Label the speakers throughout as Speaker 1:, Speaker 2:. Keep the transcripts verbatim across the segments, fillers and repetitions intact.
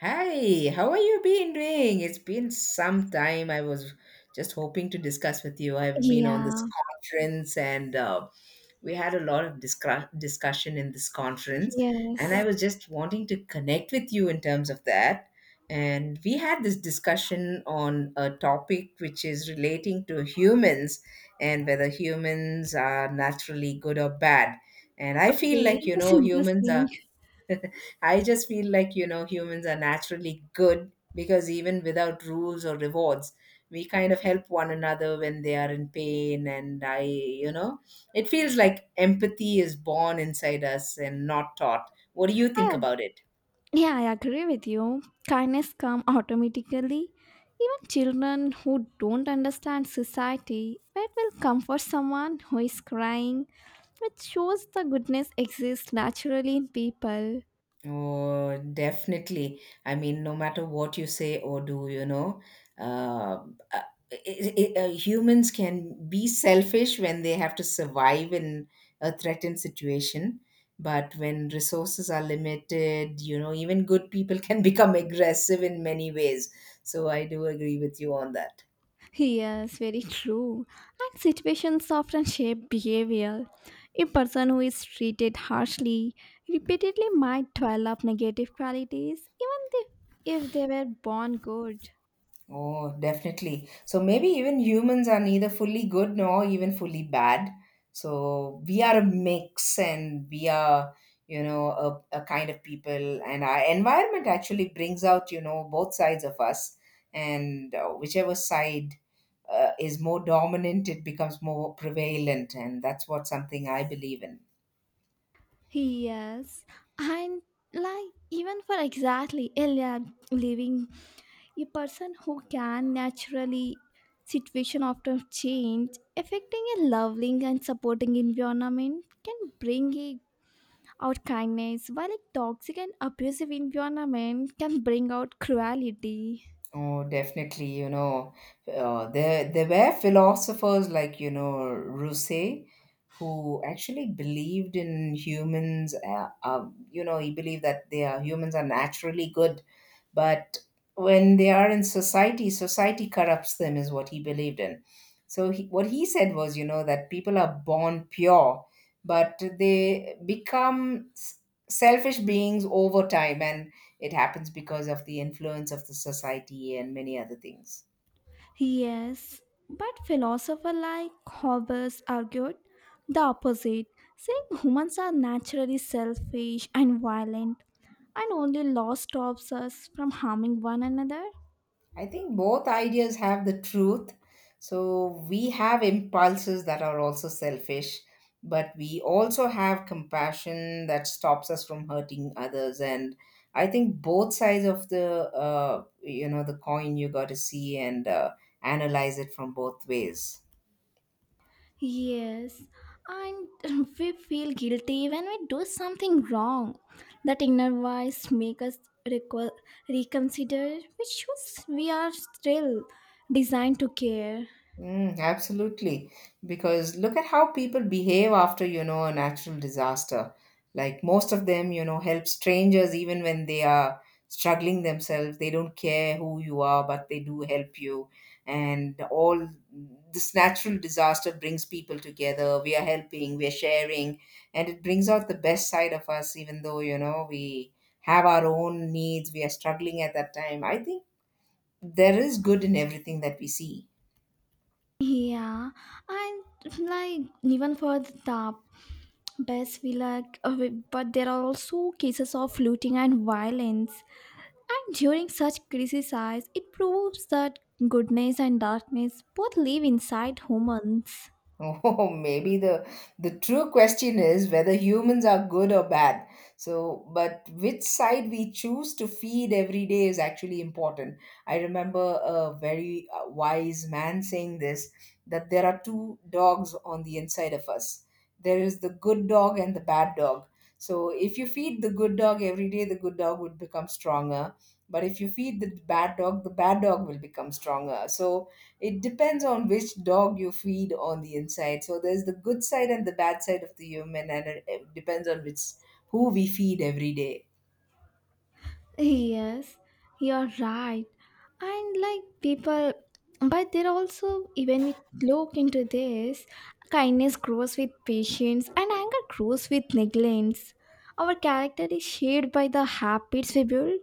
Speaker 1: Hi, how are you been doing? It's been some time. I was just hoping to discuss with you. I've been on this
Speaker 2: Yeah.
Speaker 1: conference and uh, we had a lot of discuss- discussion in this conference, and I
Speaker 2: Yes.
Speaker 1: was just wanting to connect with you in terms of that. And we had this discussion on a topic which is relating to humans and whether humans are naturally good or bad. And I feel
Speaker 2: Okay,
Speaker 1: like, you
Speaker 2: that's
Speaker 1: know, humans are
Speaker 2: interesting.
Speaker 1: I just feel like, you know, humans are naturally good because even without rules or rewards, we kind of help one another when they are in pain. And I, you know, it feels like empathy is born inside us and not taught. What do you
Speaker 2: I,
Speaker 1: think
Speaker 2: ag-
Speaker 1: about it?
Speaker 2: yeah, I agree with you. Kindness come automatically. Even children who don't understand society, but will comfort someone who is crying, which shows the goodness exists naturally in people.
Speaker 1: Oh, definitely. I mean, no matter what you say or do, you know, uh, uh, I I uh, humans can be selfish when they have to survive in a threatened situation. But when resources are limited, you know, even good people can become aggressive in many ways. So I do agree with you on that.
Speaker 2: Yes, very true. And situations often shape behavior. A person who is treated harshly repeatedly might develop negative qualities, even if, if they were born good.
Speaker 1: Oh, definitely. So maybe even humans are neither fully good nor even fully bad. So we are a mix and we are, you know, a, a kind of people. And our environment actually brings out, you know, both sides of us. And uh, whichever side uh, is more dominant, it becomes more prevalent. And that's what something I believe in.
Speaker 2: Yes, and like even for exactly a li- living, a person who can naturally situation after change affecting a loving and supporting environment can bring a Our kindness, while a toxic and abusive environment can bring out cruelty.
Speaker 1: Oh, definitely. You know, uh, there there were philosophers like you know Rousseau who actually believed in humans. Uh, um, you know, he believed that they are humans are naturally good, but when they are in society, society corrupts them, is what he believed in. So he, what he said was, you know, that people are born pure, but they become s- selfish beings over time, and it happens because of the influence of the society and many other things.
Speaker 2: Yes, but philosophers like Hobbes argued the opposite, saying humans are naturally selfish and violent, and only law stops us from harming one another.
Speaker 1: I think both ideas have the truth. So we have impulses that are also selfish, but we also have compassion that stops us from hurting others. And I think both sides of the uh, you know the coin you got to see and uh, analyze it from both ways.
Speaker 2: Yes, and we feel guilty when we do something wrong. That inner voice makes us reco- reconsider which shoes we are still designed to care.
Speaker 1: Mm, absolutely. Because look at how people behave after, you know, a natural disaster. Like most of them, you know, help strangers even when they are struggling themselves. They don't care who you are, but they do help you. And all this natural disaster brings people together. We are helping, we are sharing, and it brings out the best side of us, even though, you know, we have our own needs, we are struggling at that time. I think there is good in everything that we see.
Speaker 2: Yeah, and like even for the top best we like, uh, we- but there are also cases of looting and violence. And during such crises, it proves that goodness and darkness both live inside humans.
Speaker 1: Oh, maybe the the true question is whether humans are good or bad. So, but which side we choose to feed every day is actually important. I remember a very uh, wise man saying this that there are two dogs on the inside of us. There is the good dog and the bad dog. So, if you feed the good dog every day, the good dog would become stronger. But if you feed the bad dog, the bad dog will become stronger. So, it depends on which dog you feed on the inside. So there's the good side and the bad side of the human, and it it depends on which who we feed every day.
Speaker 2: Yes, you're right. And like people, but there also, even we look into this, kindness grows with patience and anger grows with negligence. Our character is shaped by the habits we build.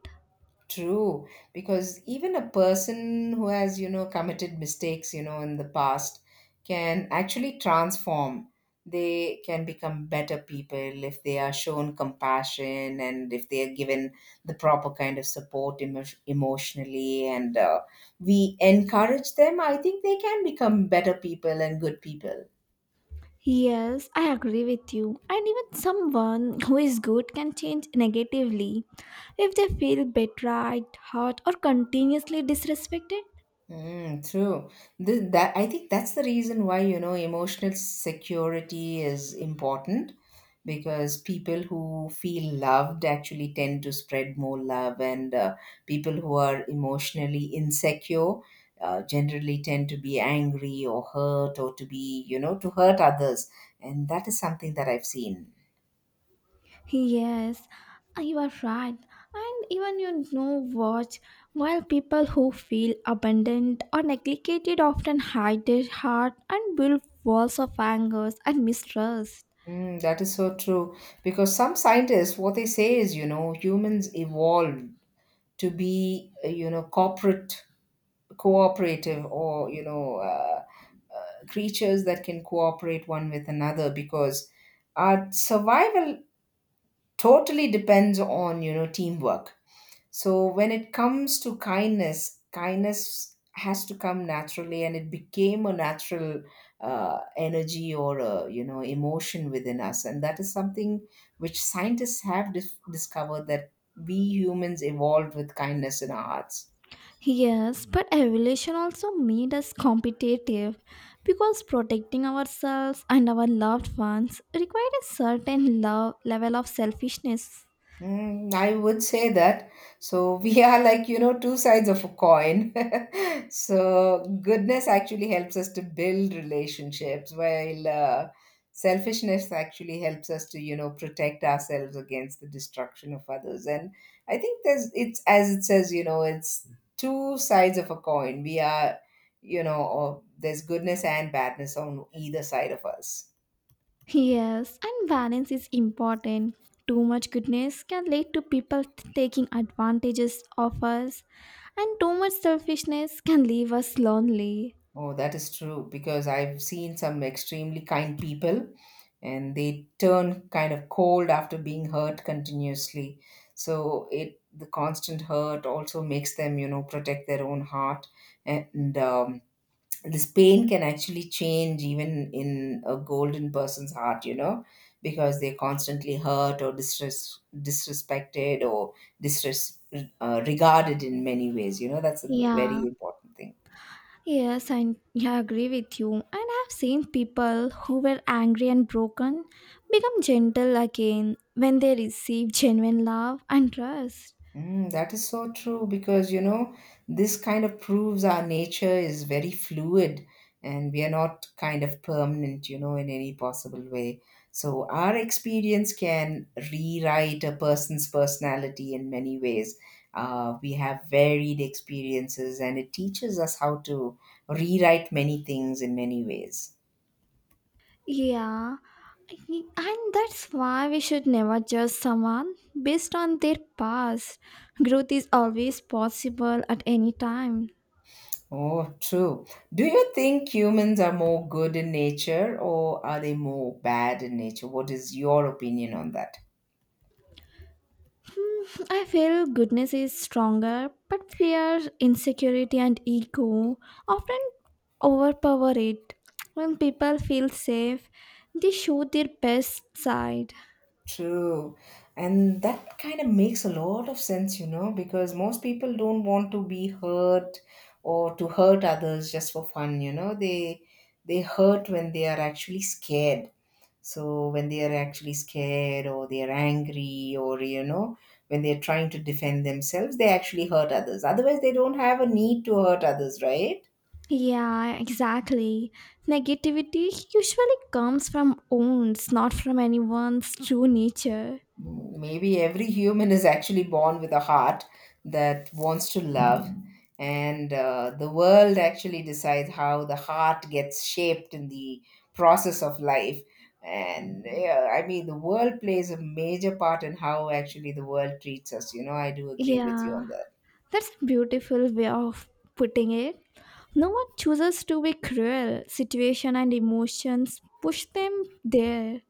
Speaker 1: True, because even a person who has, you know, committed mistakes, you know, in the past can actually transform. They can become better people if they are shown compassion and if they are given the proper kind of support emo- emotionally and uh, we encourage them. I think they can become better people and good people.
Speaker 2: Yes, I agree with you. And even someone who is good can change negatively if they feel betrayed, hurt, or continuously disrespected.
Speaker 1: Mm, true. This, that I think that's the reason why, you know, emotional security is important because people who feel loved actually tend to spread more love, and uh, people who are emotionally insecure uh, generally tend to be angry or hurt or to be, you know, to hurt others. And that is something that I've seen.
Speaker 2: Yes, uh, you are right. And even you know what? While people who feel abandoned or neglected often hide their heart and build walls of anger and mistrust.
Speaker 1: Mm, that is so true. Because some scientists, what they say is, you know, humans evolved to be, uh, you know, corporate cooperative or you know uh, creatures that can cooperate one with another because our survival totally depends on you know teamwork. So when it comes to kindness, kindness has to come naturally, and it became a natural uh, energy or a, you know emotion within us. And that is something which scientists have dis- discovered that we humans evolved with kindness in our hearts.
Speaker 2: Yes, but evolution also made us competitive because protecting ourselves and our loved ones required a certain love level of selfishness.
Speaker 1: Mm, I would say that. So we are like, you know, two sides of a coin. So goodness actually helps us to build relationships, while uh, selfishness actually helps us to, you know, protect ourselves against the destruction of others. And I think there's it's as it says, you know, it's two sides of a coin. We are, you know, or there's goodness and badness on either side of us.
Speaker 2: Yes, and balance is important. Too much goodness can lead to people t- taking advantages of us, and too much selfishness can leave us lonely.
Speaker 1: Oh, that is true because I've seen some extremely kind people and they turn kind of cold after being hurt continuously. So it the constant hurt also makes them, you know, protect their own heart. And um, this pain can actually change even in a golden person's heart, you know, because they're constantly hurt or disres- disrespected or disres- uh, regarded in many ways. You know, that's a
Speaker 2: Yeah,
Speaker 1: very important thing.
Speaker 2: yes, and yeah, I agree with you. And I've seen people who were angry and broken become gentle again when they receive genuine love and trust.
Speaker 1: Mm, that is so true because you know this kind of proves our nature is very fluid and we are not kind of permanent, you know, in any possible way. So our experience can rewrite a person's personality in many ways. Uh, we have varied experiences and it teaches us how to rewrite many things in many ways.
Speaker 2: Yeah, y- and that's why we should never judge someone based on their past. Growth is always possible at any time.
Speaker 1: Oh, true. Do you think humans are more good in nature or are they more bad in nature? What is your opinion on that?
Speaker 2: Hmm, I feel goodness is stronger, but fear, insecurity, and ego often overpower it. When people feel safe, they show their best side.
Speaker 1: True. And that kind of makes a lot of sense, you know, because most people don't want to be hurt or to hurt others just for fun, you know. They they hurt when they are actually scared. So when they are actually scared or they are angry or you know when they are trying to defend themselves, they actually hurt others. Otherwise, they don't have a need to hurt others, right?
Speaker 2: Yeah, exactly. Negativity usually comes from wounds, not from anyone's true nature.
Speaker 1: Maybe every human is actually born with a heart that wants to love, and uh, the world actually decides how the heart gets shaped in the process of life. And yeah, I mean, the world plays a major part in how actually the world treats us. You know, I do agree with you on
Speaker 2: Yeah,
Speaker 1: that.
Speaker 2: that's a beautiful way of putting it. No one chooses to be cruel. Situation and emotions push them there.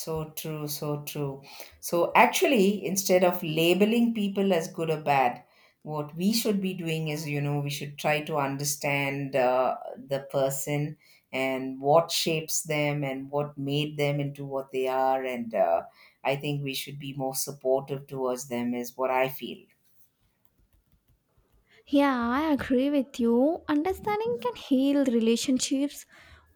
Speaker 1: So true, so true. So actually, instead of labeling people as good or bad, what we should be doing is, you know, we should try to understand uh, the person and what shapes them and what made them into what they are. And uh, I think we should be more supportive towards them, is what I feel.
Speaker 2: Yeah, I agree with you. Understanding can heal relationships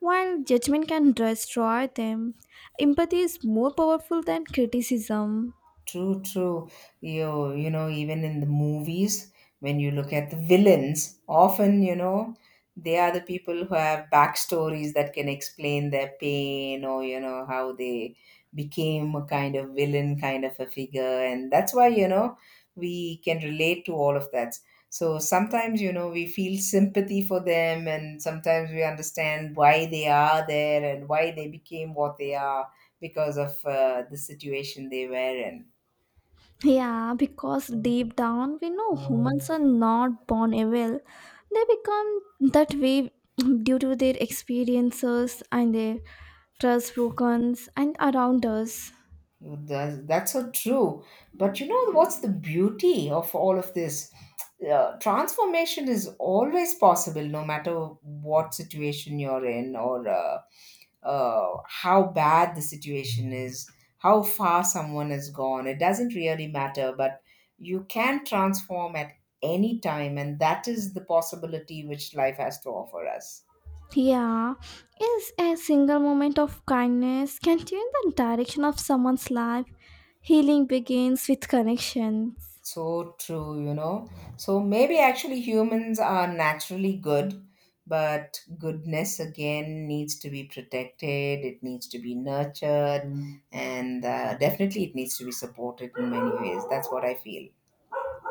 Speaker 2: while judgment can destroy them. Empathy is more powerful than criticism.
Speaker 1: True, true. You, you know, even in the movies, when you look at the villains, often, you know, they are the people who have backstories that can explain their pain or, you know, how they became a kind of villain kind of a figure. And that's why, you know, we can relate to all of that. So sometimes, you know, we feel sympathy for them and sometimes we understand why they are there and why they became what they are because of uh, the situation they were in.
Speaker 2: Yeah, because deep down we know
Speaker 1: Mm.
Speaker 2: humans are not born evil. They become that way due to their experiences and their trust broken and around us.
Speaker 1: That's, that's so true. But you know what's the beauty of all of this? Uh, transformation is always possible, no matter what situation you're in or uh, uh, how bad the situation is, how far someone has gone. It doesn't really matter, but you can transform at any time, and that is the possibility which life has to offer us.
Speaker 2: Yeah, is a single moment of kindness can change the direction of someone's life. Healing begins with connections.
Speaker 1: So true, you know. So maybe actually humans are naturally good, but goodness again needs to be protected, it needs to be nurtured, Mm. and uh, definitely it needs to be supported in many ways. That's what I feel.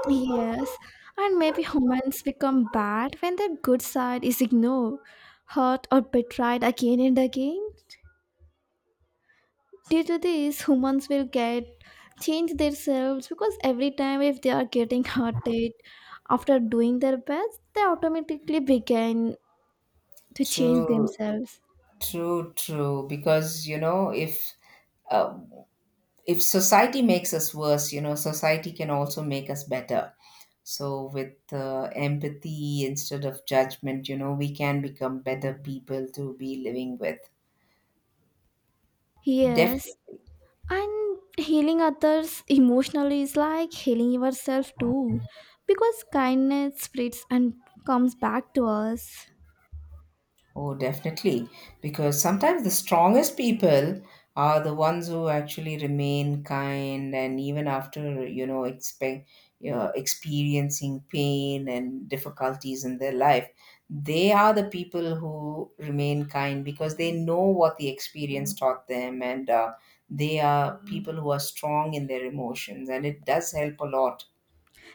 Speaker 2: Yes, and maybe humans become bad when their good side is ignored, hurt, or betrayed again and again. Due to this, humans will get change themselves because every time if they are getting hearted after doing their best, they automatically begin to change
Speaker 1: True,
Speaker 2: themselves.
Speaker 1: true, true. Because, you know, if uh, if society makes us worse, you know, society can also make us better. So, with uh, empathy instead of judgment, you know, we can become better people to be living with. Definitely.
Speaker 2: Yes, and healing others emotionally is like healing yourself too, because kindness spreads and comes back to us.
Speaker 1: Oh, definitely. Because sometimes the strongest people are the ones who actually remain kind and even after, you know, expect, you know, experiencing pain and difficulties in their life, they are the people who remain kind because they know what the experience taught them and uh, they are people who are strong in their emotions and it does help a lot.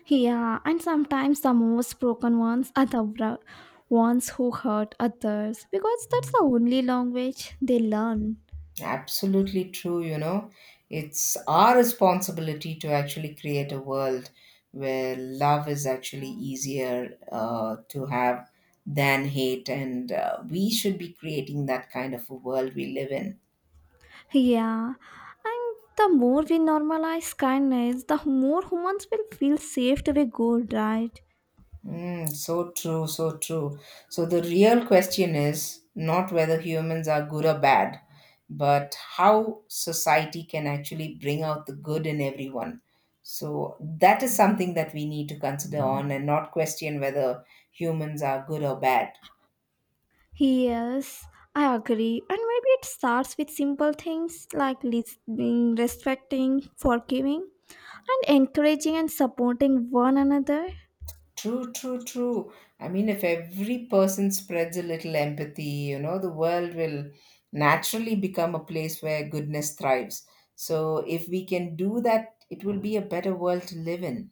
Speaker 2: Yeah, and sometimes the most broken ones are the bro- ones who hurt others because that's the only language they learn.
Speaker 1: Absolutely true, you know. It's our responsibility to actually create a world where love is actually easier uh, to have than hate, and uh, we should be creating that kind of a world we live in.
Speaker 2: Yeah, and the more we normalize kindness, the more humans will feel safe to be good, right?
Speaker 1: Mm, so true, so true. So the real question is not whether humans are good or bad, but how society can actually bring out the good in everyone. So that is something that we need to consider on and not question whether humans are good or bad.
Speaker 2: Yes, I agree. And maybe it starts with simple things like listening, respecting, forgiving, and encouraging and supporting one another.
Speaker 1: True, true, true. I mean, if every person spreads a little empathy, you know, the world will naturally become a place where goodness thrives. So, if we can do that, it will be a better world to live in.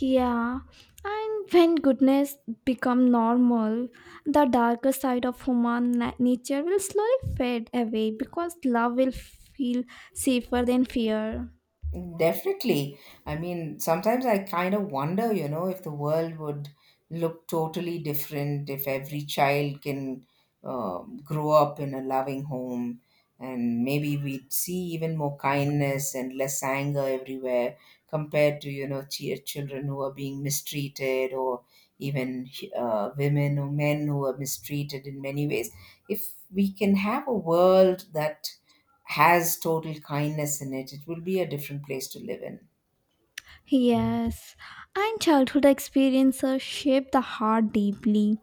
Speaker 2: Yeah, and when goodness become normal, the darker side of human na- nature will slowly fade away because love will feel safer than fear.
Speaker 1: Definitely. I mean, sometimes I kind of wonder, you know, if the world would look totally different if every child can um grow up in a loving home. And maybe we'd see even more kindness and less anger everywhere compared to, you know, ch- children who are being mistreated or even uh, women or men who are mistreated in many ways. If we can have a world that has total kindness in it, it will be a different place to live in.
Speaker 2: Yes, and childhood experiences shape the heart deeply.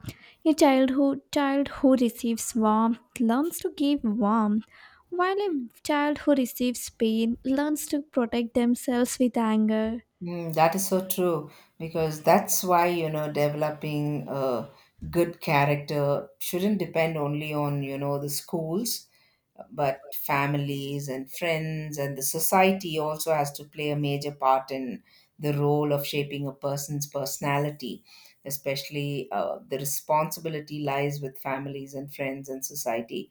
Speaker 2: A childhood child who receives warmth learns to give warmth, while a child who receives pain learns to protect themselves with anger.
Speaker 1: Mm, that is so true because that's why, you know, developing a good character shouldn't depend only on, you know, the schools, but families and friends and the society also has to play a major part in the role of shaping a person's personality. Especially uh, the responsibility lies with families and friends and society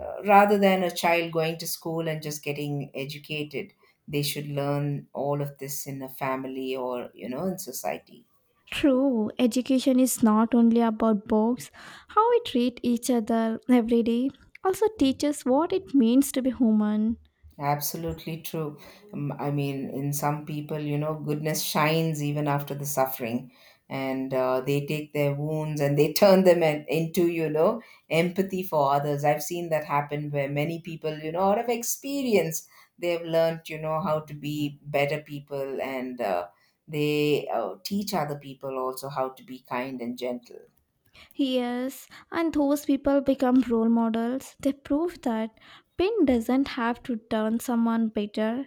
Speaker 1: uh, rather than a child going to school and just getting educated, they should learn all of this in a family or you know in society.
Speaker 2: True, education is not only about books, how we treat each other every day also teaches what it means to be human.
Speaker 1: Absolutely true. Um, I mean, in some people, you know, goodness shines even after the suffering, and uh, they take their wounds and they turn them in- into, you know, empathy for others. I've seen that happen where many people, you know, out of experience, they've learned, you know, how to be better people and uh, they uh, teach other people also how to be kind and gentle.
Speaker 2: Yes, and those people become role models. They prove that pain doesn't have to turn someone bitter.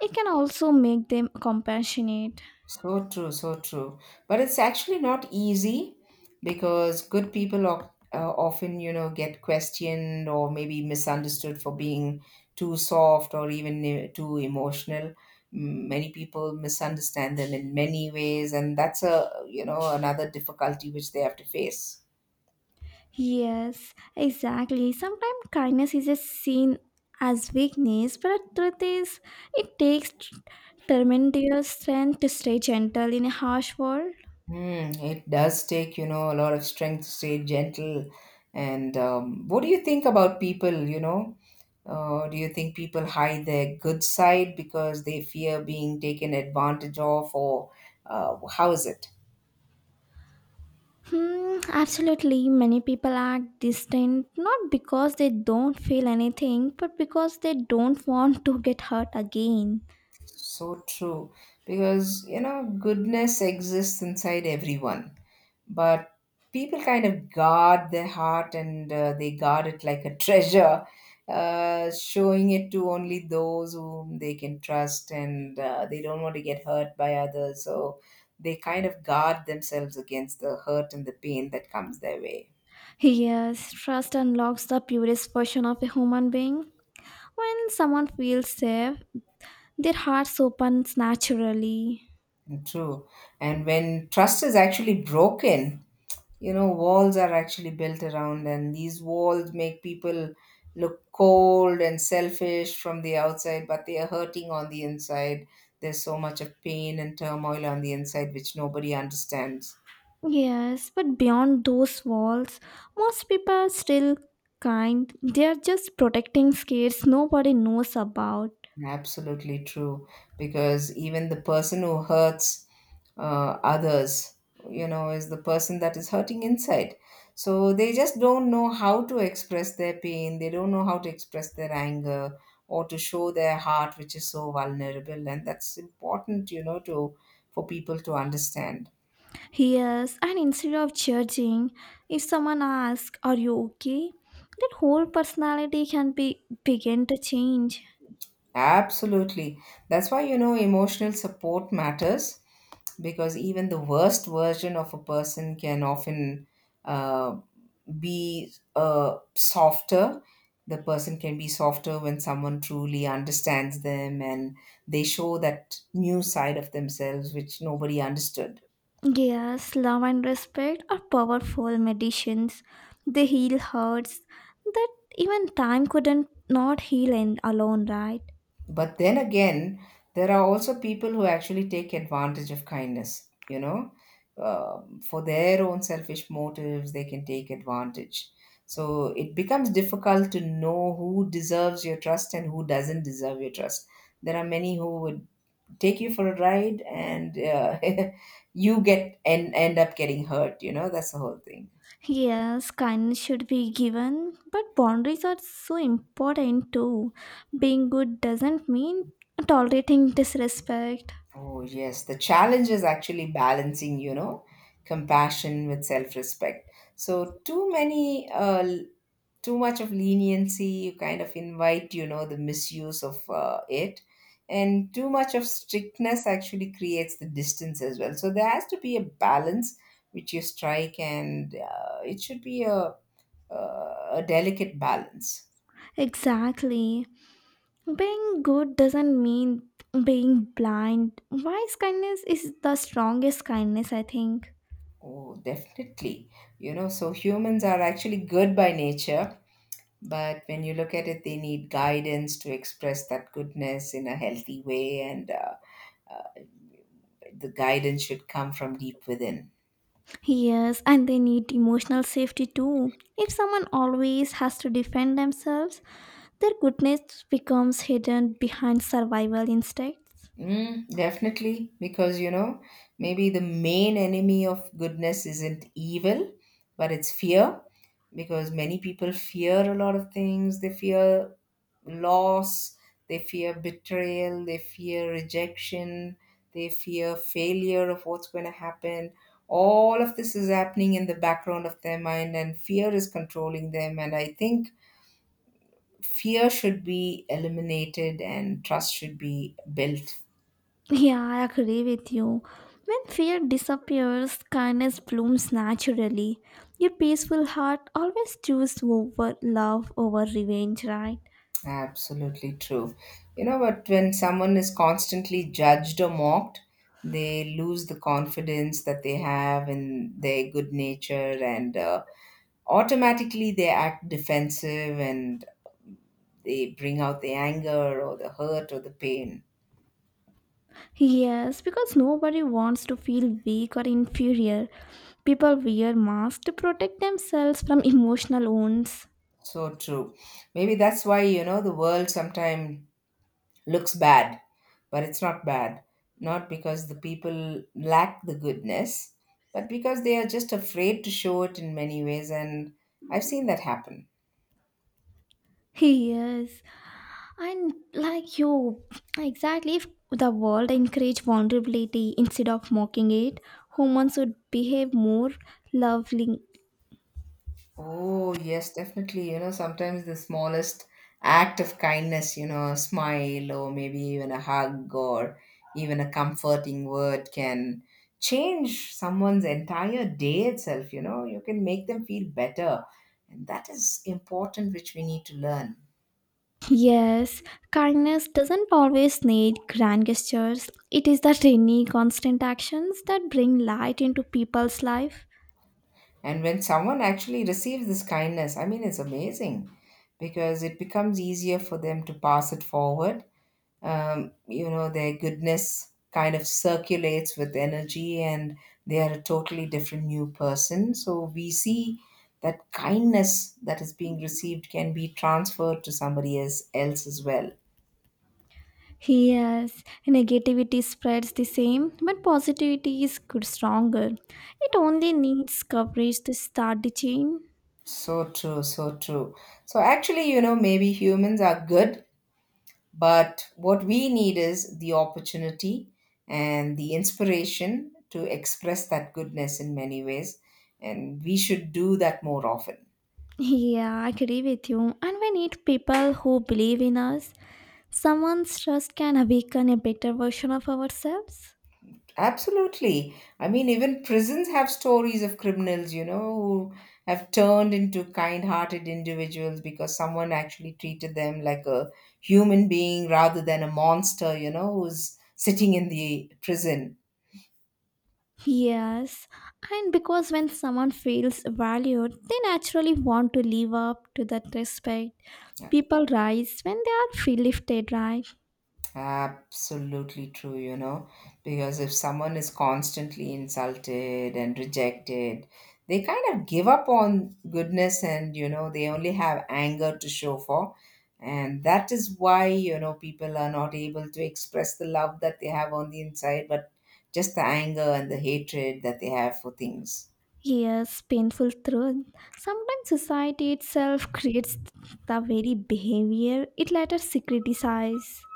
Speaker 2: It can also make them compassionate.
Speaker 1: So true, so true. But it's actually not easy because good people o- uh, often, you know, get questioned or maybe misunderstood for being too soft or even uh, too emotional. M- Many people misunderstand them in many ways, and that's a, you know, another difficulty which they have to face.
Speaker 2: Yes, exactly. Sometimes kindness is just seen as weakness, but the truth is, it takes tremendous strength to stay gentle in a harsh world.
Speaker 1: Hmm, it does take, you know, a lot of strength to stay gentle. And um, what do you think about people, you know? Uh, do you think people hide their good side because they fear being taken advantage of, or uh, how is it?
Speaker 2: Hmm, absolutely. Many people are distant not because they don't feel anything, but because they don't want to get hurt again.
Speaker 1: So true. Because, you know, goodness exists inside everyone. But people kind of guard their heart and uh, they guard it like a treasure, uh, showing it to only those whom they can trust and uh, they don't want to get hurt by others. So they kind of guard themselves against the hurt and the pain that comes their way.
Speaker 2: Yes, trust unlocks the purest version of a human being. When someone feels safe, their hearts opens naturally.
Speaker 1: True. And when trust is actually broken, you know walls are actually built around, and these walls make people look cold and selfish from the outside, but they are hurting on the inside. There's so much of pain and turmoil on the inside which nobody understands.
Speaker 2: Yes, but beyond those walls, most people are still kind. They are just protecting scares nobody knows about.
Speaker 1: Absolutely true. Because even the person who hurts uh, others, you know, is the person that is hurting inside. So they just don't know how to express their pain. They don't know how to express their anger or to show their heart, which is so vulnerable. And that's important, you know, to for people to understand.
Speaker 2: Yes, and instead of judging, if someone asks, "Are you okay?" that whole personality can be begin to change.
Speaker 1: Absolutely. That's why, you know, emotional support matters because even the worst version of a person can often uh, be uh, softer. The person can be softer when someone truly understands them and they show that new side of themselves which nobody understood.
Speaker 2: Yes, love and respect are powerful medicines. They heal hurts that even time couldn't not heal in alone, right?
Speaker 1: But then again, there are also people who actually take advantage of kindness, you know, um, for their own selfish motives, they can take advantage. So it becomes difficult to know who deserves your trust and who doesn't deserve your trust. There are many who would take you for a ride and uh, you get and end up getting hurt, you know, that's the whole thing.
Speaker 2: Yes, kindness should be given, but boundaries are so important too. Being good doesn't mean tolerating disrespect.
Speaker 1: Oh, yes. The challenge is actually balancing, you know, compassion with self-respect. So too many, uh, l- too much of leniency, you kind of invite, you know, the misuse of uh, it. And too much of strictness actually creates the distance as well. So there has to be a balance which you strike, and uh, it should be a, a a delicate balance.
Speaker 2: Exactly. Being good doesn't mean being blind. Wise kindness is the strongest kindness, I think.
Speaker 1: Oh, definitely. You know, so humans are actually good by nature. But when you look at it, they need guidance to express that goodness in a healthy way, and uh, uh, the guidance should come from deep within.
Speaker 2: Yes, and they need emotional safety too. If someone always has to defend themselves, their goodness becomes hidden behind survival instincts.
Speaker 1: Mm, definitely, because you know, maybe the main enemy of goodness isn't evil, but it's fear. Because many people fear a lot of things. They fear loss, they fear betrayal, they fear rejection, they fear failure of what's going to happen. All of this is happening in the background of their mind, and fear is controlling them. And I think fear should be eliminated and trust should be built.
Speaker 2: Yeah, I agree with you. When fear disappears, kindness blooms naturally. Your peaceful heart always chooses over love over revenge, right?
Speaker 1: Absolutely true. You know, but when someone is constantly judged or mocked, they lose the confidence that they have in their good nature and uh, automatically they act defensive and they bring out the anger or the hurt or the pain.
Speaker 2: Yes, because nobody wants to feel weak or inferior. People wear masks to protect themselves from emotional wounds.
Speaker 1: So true. Maybe that's why, you know, the world sometimes looks bad, but it's not bad. Not because the people lack the goodness, but because they are just afraid to show it in many ways. And I've seen that happen.
Speaker 2: Yes, and like you, exactly if the world encouraged vulnerability instead of mocking it, humans would behave more lovingly.
Speaker 1: Oh, yes, definitely. You know, sometimes the smallest act of kindness, you know, a smile or maybe even a hug or even a comforting word can change someone's entire day itself. You know, you can make them feel better. And that is important, which we need to learn.
Speaker 2: Yes, kindness doesn't always need grand gestures. It is the tiny, constant actions that bring light into people's life.
Speaker 1: And when someone actually receives this kindness, I mean, it's amazing because it becomes easier for them to pass it forward. Um, you know, their goodness kind of circulates with energy and they are a totally different new person. So we see that kindness that is being received can be transferred to somebody else, else as well.
Speaker 2: Yes, negativity spreads the same, but positivity is good stronger. It only needs coverage to start the chain.
Speaker 1: So true, so true. So actually, you know, maybe humans are good. But what we need is the opportunity and the inspiration to express that goodness in many ways. And we should do that more often.
Speaker 2: Yeah, I agree with you. And we need people who believe in us. Someone's trust can awaken a better version of ourselves.
Speaker 1: Absolutely. I mean, even prisons have stories of criminals, you know, who have turned into kind hearted individuals because someone actually treated them like a human being rather than a monster, you know, who's sitting in the prison.
Speaker 2: Yes, and because when someone feels valued, they naturally want to live up to that respect. People rise when they are feel lifted, right?
Speaker 1: Absolutely true, you know, because if someone is constantly insulted and rejected, they kind of give up on goodness and, you know, they only have anger to show for. And that is why, you know, people are not able to express the love that they have on the inside, but just the anger and the hatred that they have for things.
Speaker 2: Yes, painful truth. Sometimes society itself creates the very behavior it later criticizes.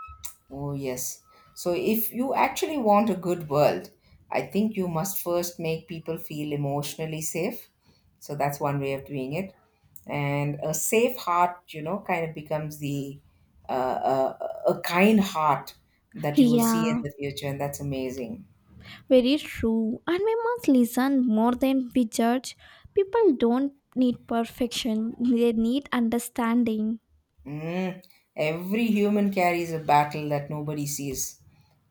Speaker 1: Oh, yes. So, if you actually want a good world, I think you must first make people feel emotionally safe. So, that's one way of doing it. And a safe heart, you know, kind of becomes the uh, uh, a kind heart that you will see in
Speaker 2: Yeah,
Speaker 1: the future. And that's amazing.
Speaker 2: very true. And we must listen more than we judge. People don't need perfection, they need understanding.
Speaker 1: Mm. Every human carries a battle that nobody sees,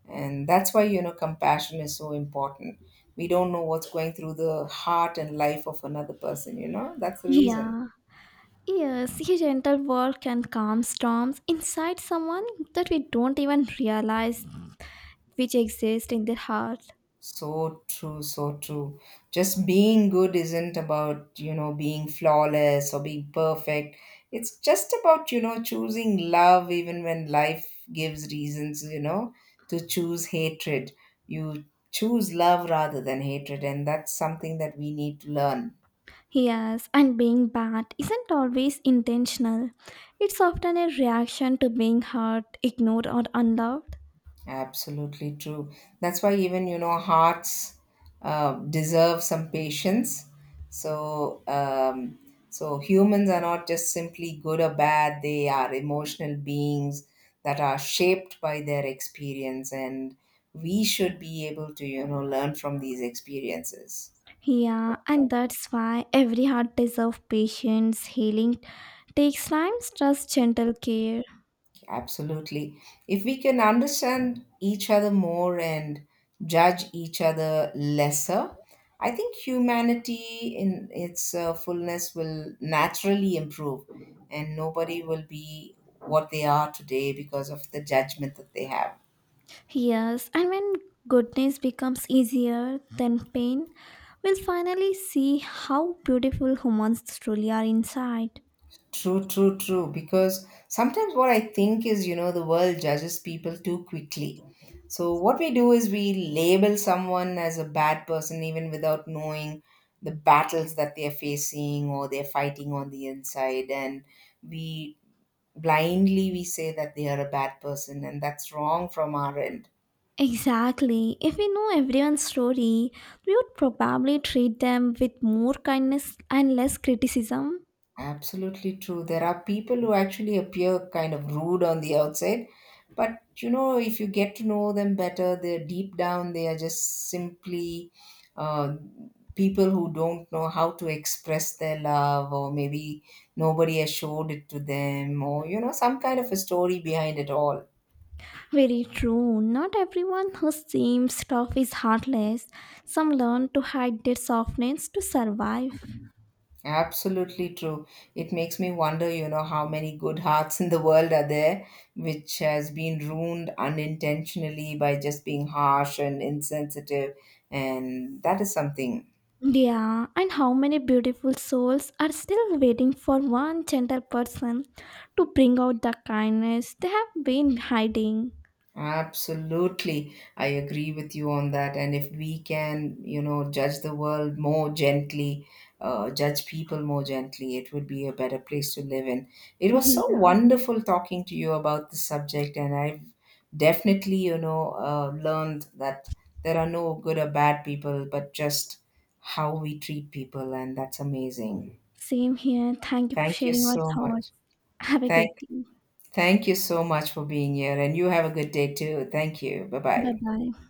Speaker 1: and that's why you know compassion is so important. We don't know what's going through the heart and life of another person, you know, that's the reason.
Speaker 2: Yeah. Yes, a gentle word can calm storms inside someone that we don't even realize which exist in their heart.
Speaker 1: So true, so true. Just being good isn't about you know being flawless or being perfect. It's just about you know choosing love even when life gives reasons you know to choose hatred. You choose love rather than hatred, and that's something that we need to learn.
Speaker 2: Yes, and being bad isn't always intentional. It's often a reaction to being hurt, ignored, or unloved.
Speaker 1: Absolutely true. That's why even you know hearts uh, deserve some patience. So um, so humans are not just simply good or bad. They are emotional beings that are shaped by their experience, and we should be able to you know learn from these experiences.
Speaker 2: Yeah, and that's why every heart deserves patience, healing takes time, trust, gentle care.
Speaker 1: Absolutely. If we can understand each other more and judge each other lesser, I think humanity in its uh, fullness will naturally improve and nobody will be what they are today because of the judgment that they have.
Speaker 2: Yes, and when goodness becomes easier than pain, we'll finally see how beautiful humans truly are inside.
Speaker 1: True, true, true. Because sometimes what I think is, you know, the world judges people too quickly. So what we do is we label someone as a bad person even without knowing the battles that they're facing or they're fighting on the inside. And we blindly we say that they are a bad person and that's wrong from our end.
Speaker 2: Exactly. If we know everyone's story, we would probably treat them with more kindness and less criticism.
Speaker 1: Absolutely true. There are people who actually appear kind of rude on the outside, but you know, if you get to know them better, they're deep down, they are just simply uh, people who don't know how to express their love, or maybe nobody has showed it to them, or you know, some kind of a story behind it all.
Speaker 2: Very true. Not everyone who seems tough is heartless. Some learn to hide their softness to survive.
Speaker 1: Absolutely true. It makes me wonder, you know, how many good hearts in the world are there, which has been ruined unintentionally by just being harsh and insensitive. And that is something.
Speaker 2: Yeah, and how many beautiful souls are still waiting for one gentle person to bring out the kindness they have been hiding?
Speaker 1: Absolutely. I agree with you on that. And if we can, you know, judge the world more gently, uh, judge people more gently, it would be a better place to live in. It was so
Speaker 2: Yeah,
Speaker 1: wonderful talking to you about this subject. And I've definitely, you know, uh, learned that there are no good or bad people, but just how we treat people. And that's amazing.
Speaker 2: same here. Thank you for
Speaker 1: Thank you
Speaker 2: sharing your
Speaker 1: so
Speaker 2: thoughts.
Speaker 1: much.
Speaker 2: Have a good
Speaker 1: Thank,
Speaker 2: day.
Speaker 1: thank you so much for being here. And you have a good day too. Thank you. Bye
Speaker 2: Bye
Speaker 1: bye.
Speaker 2: bye.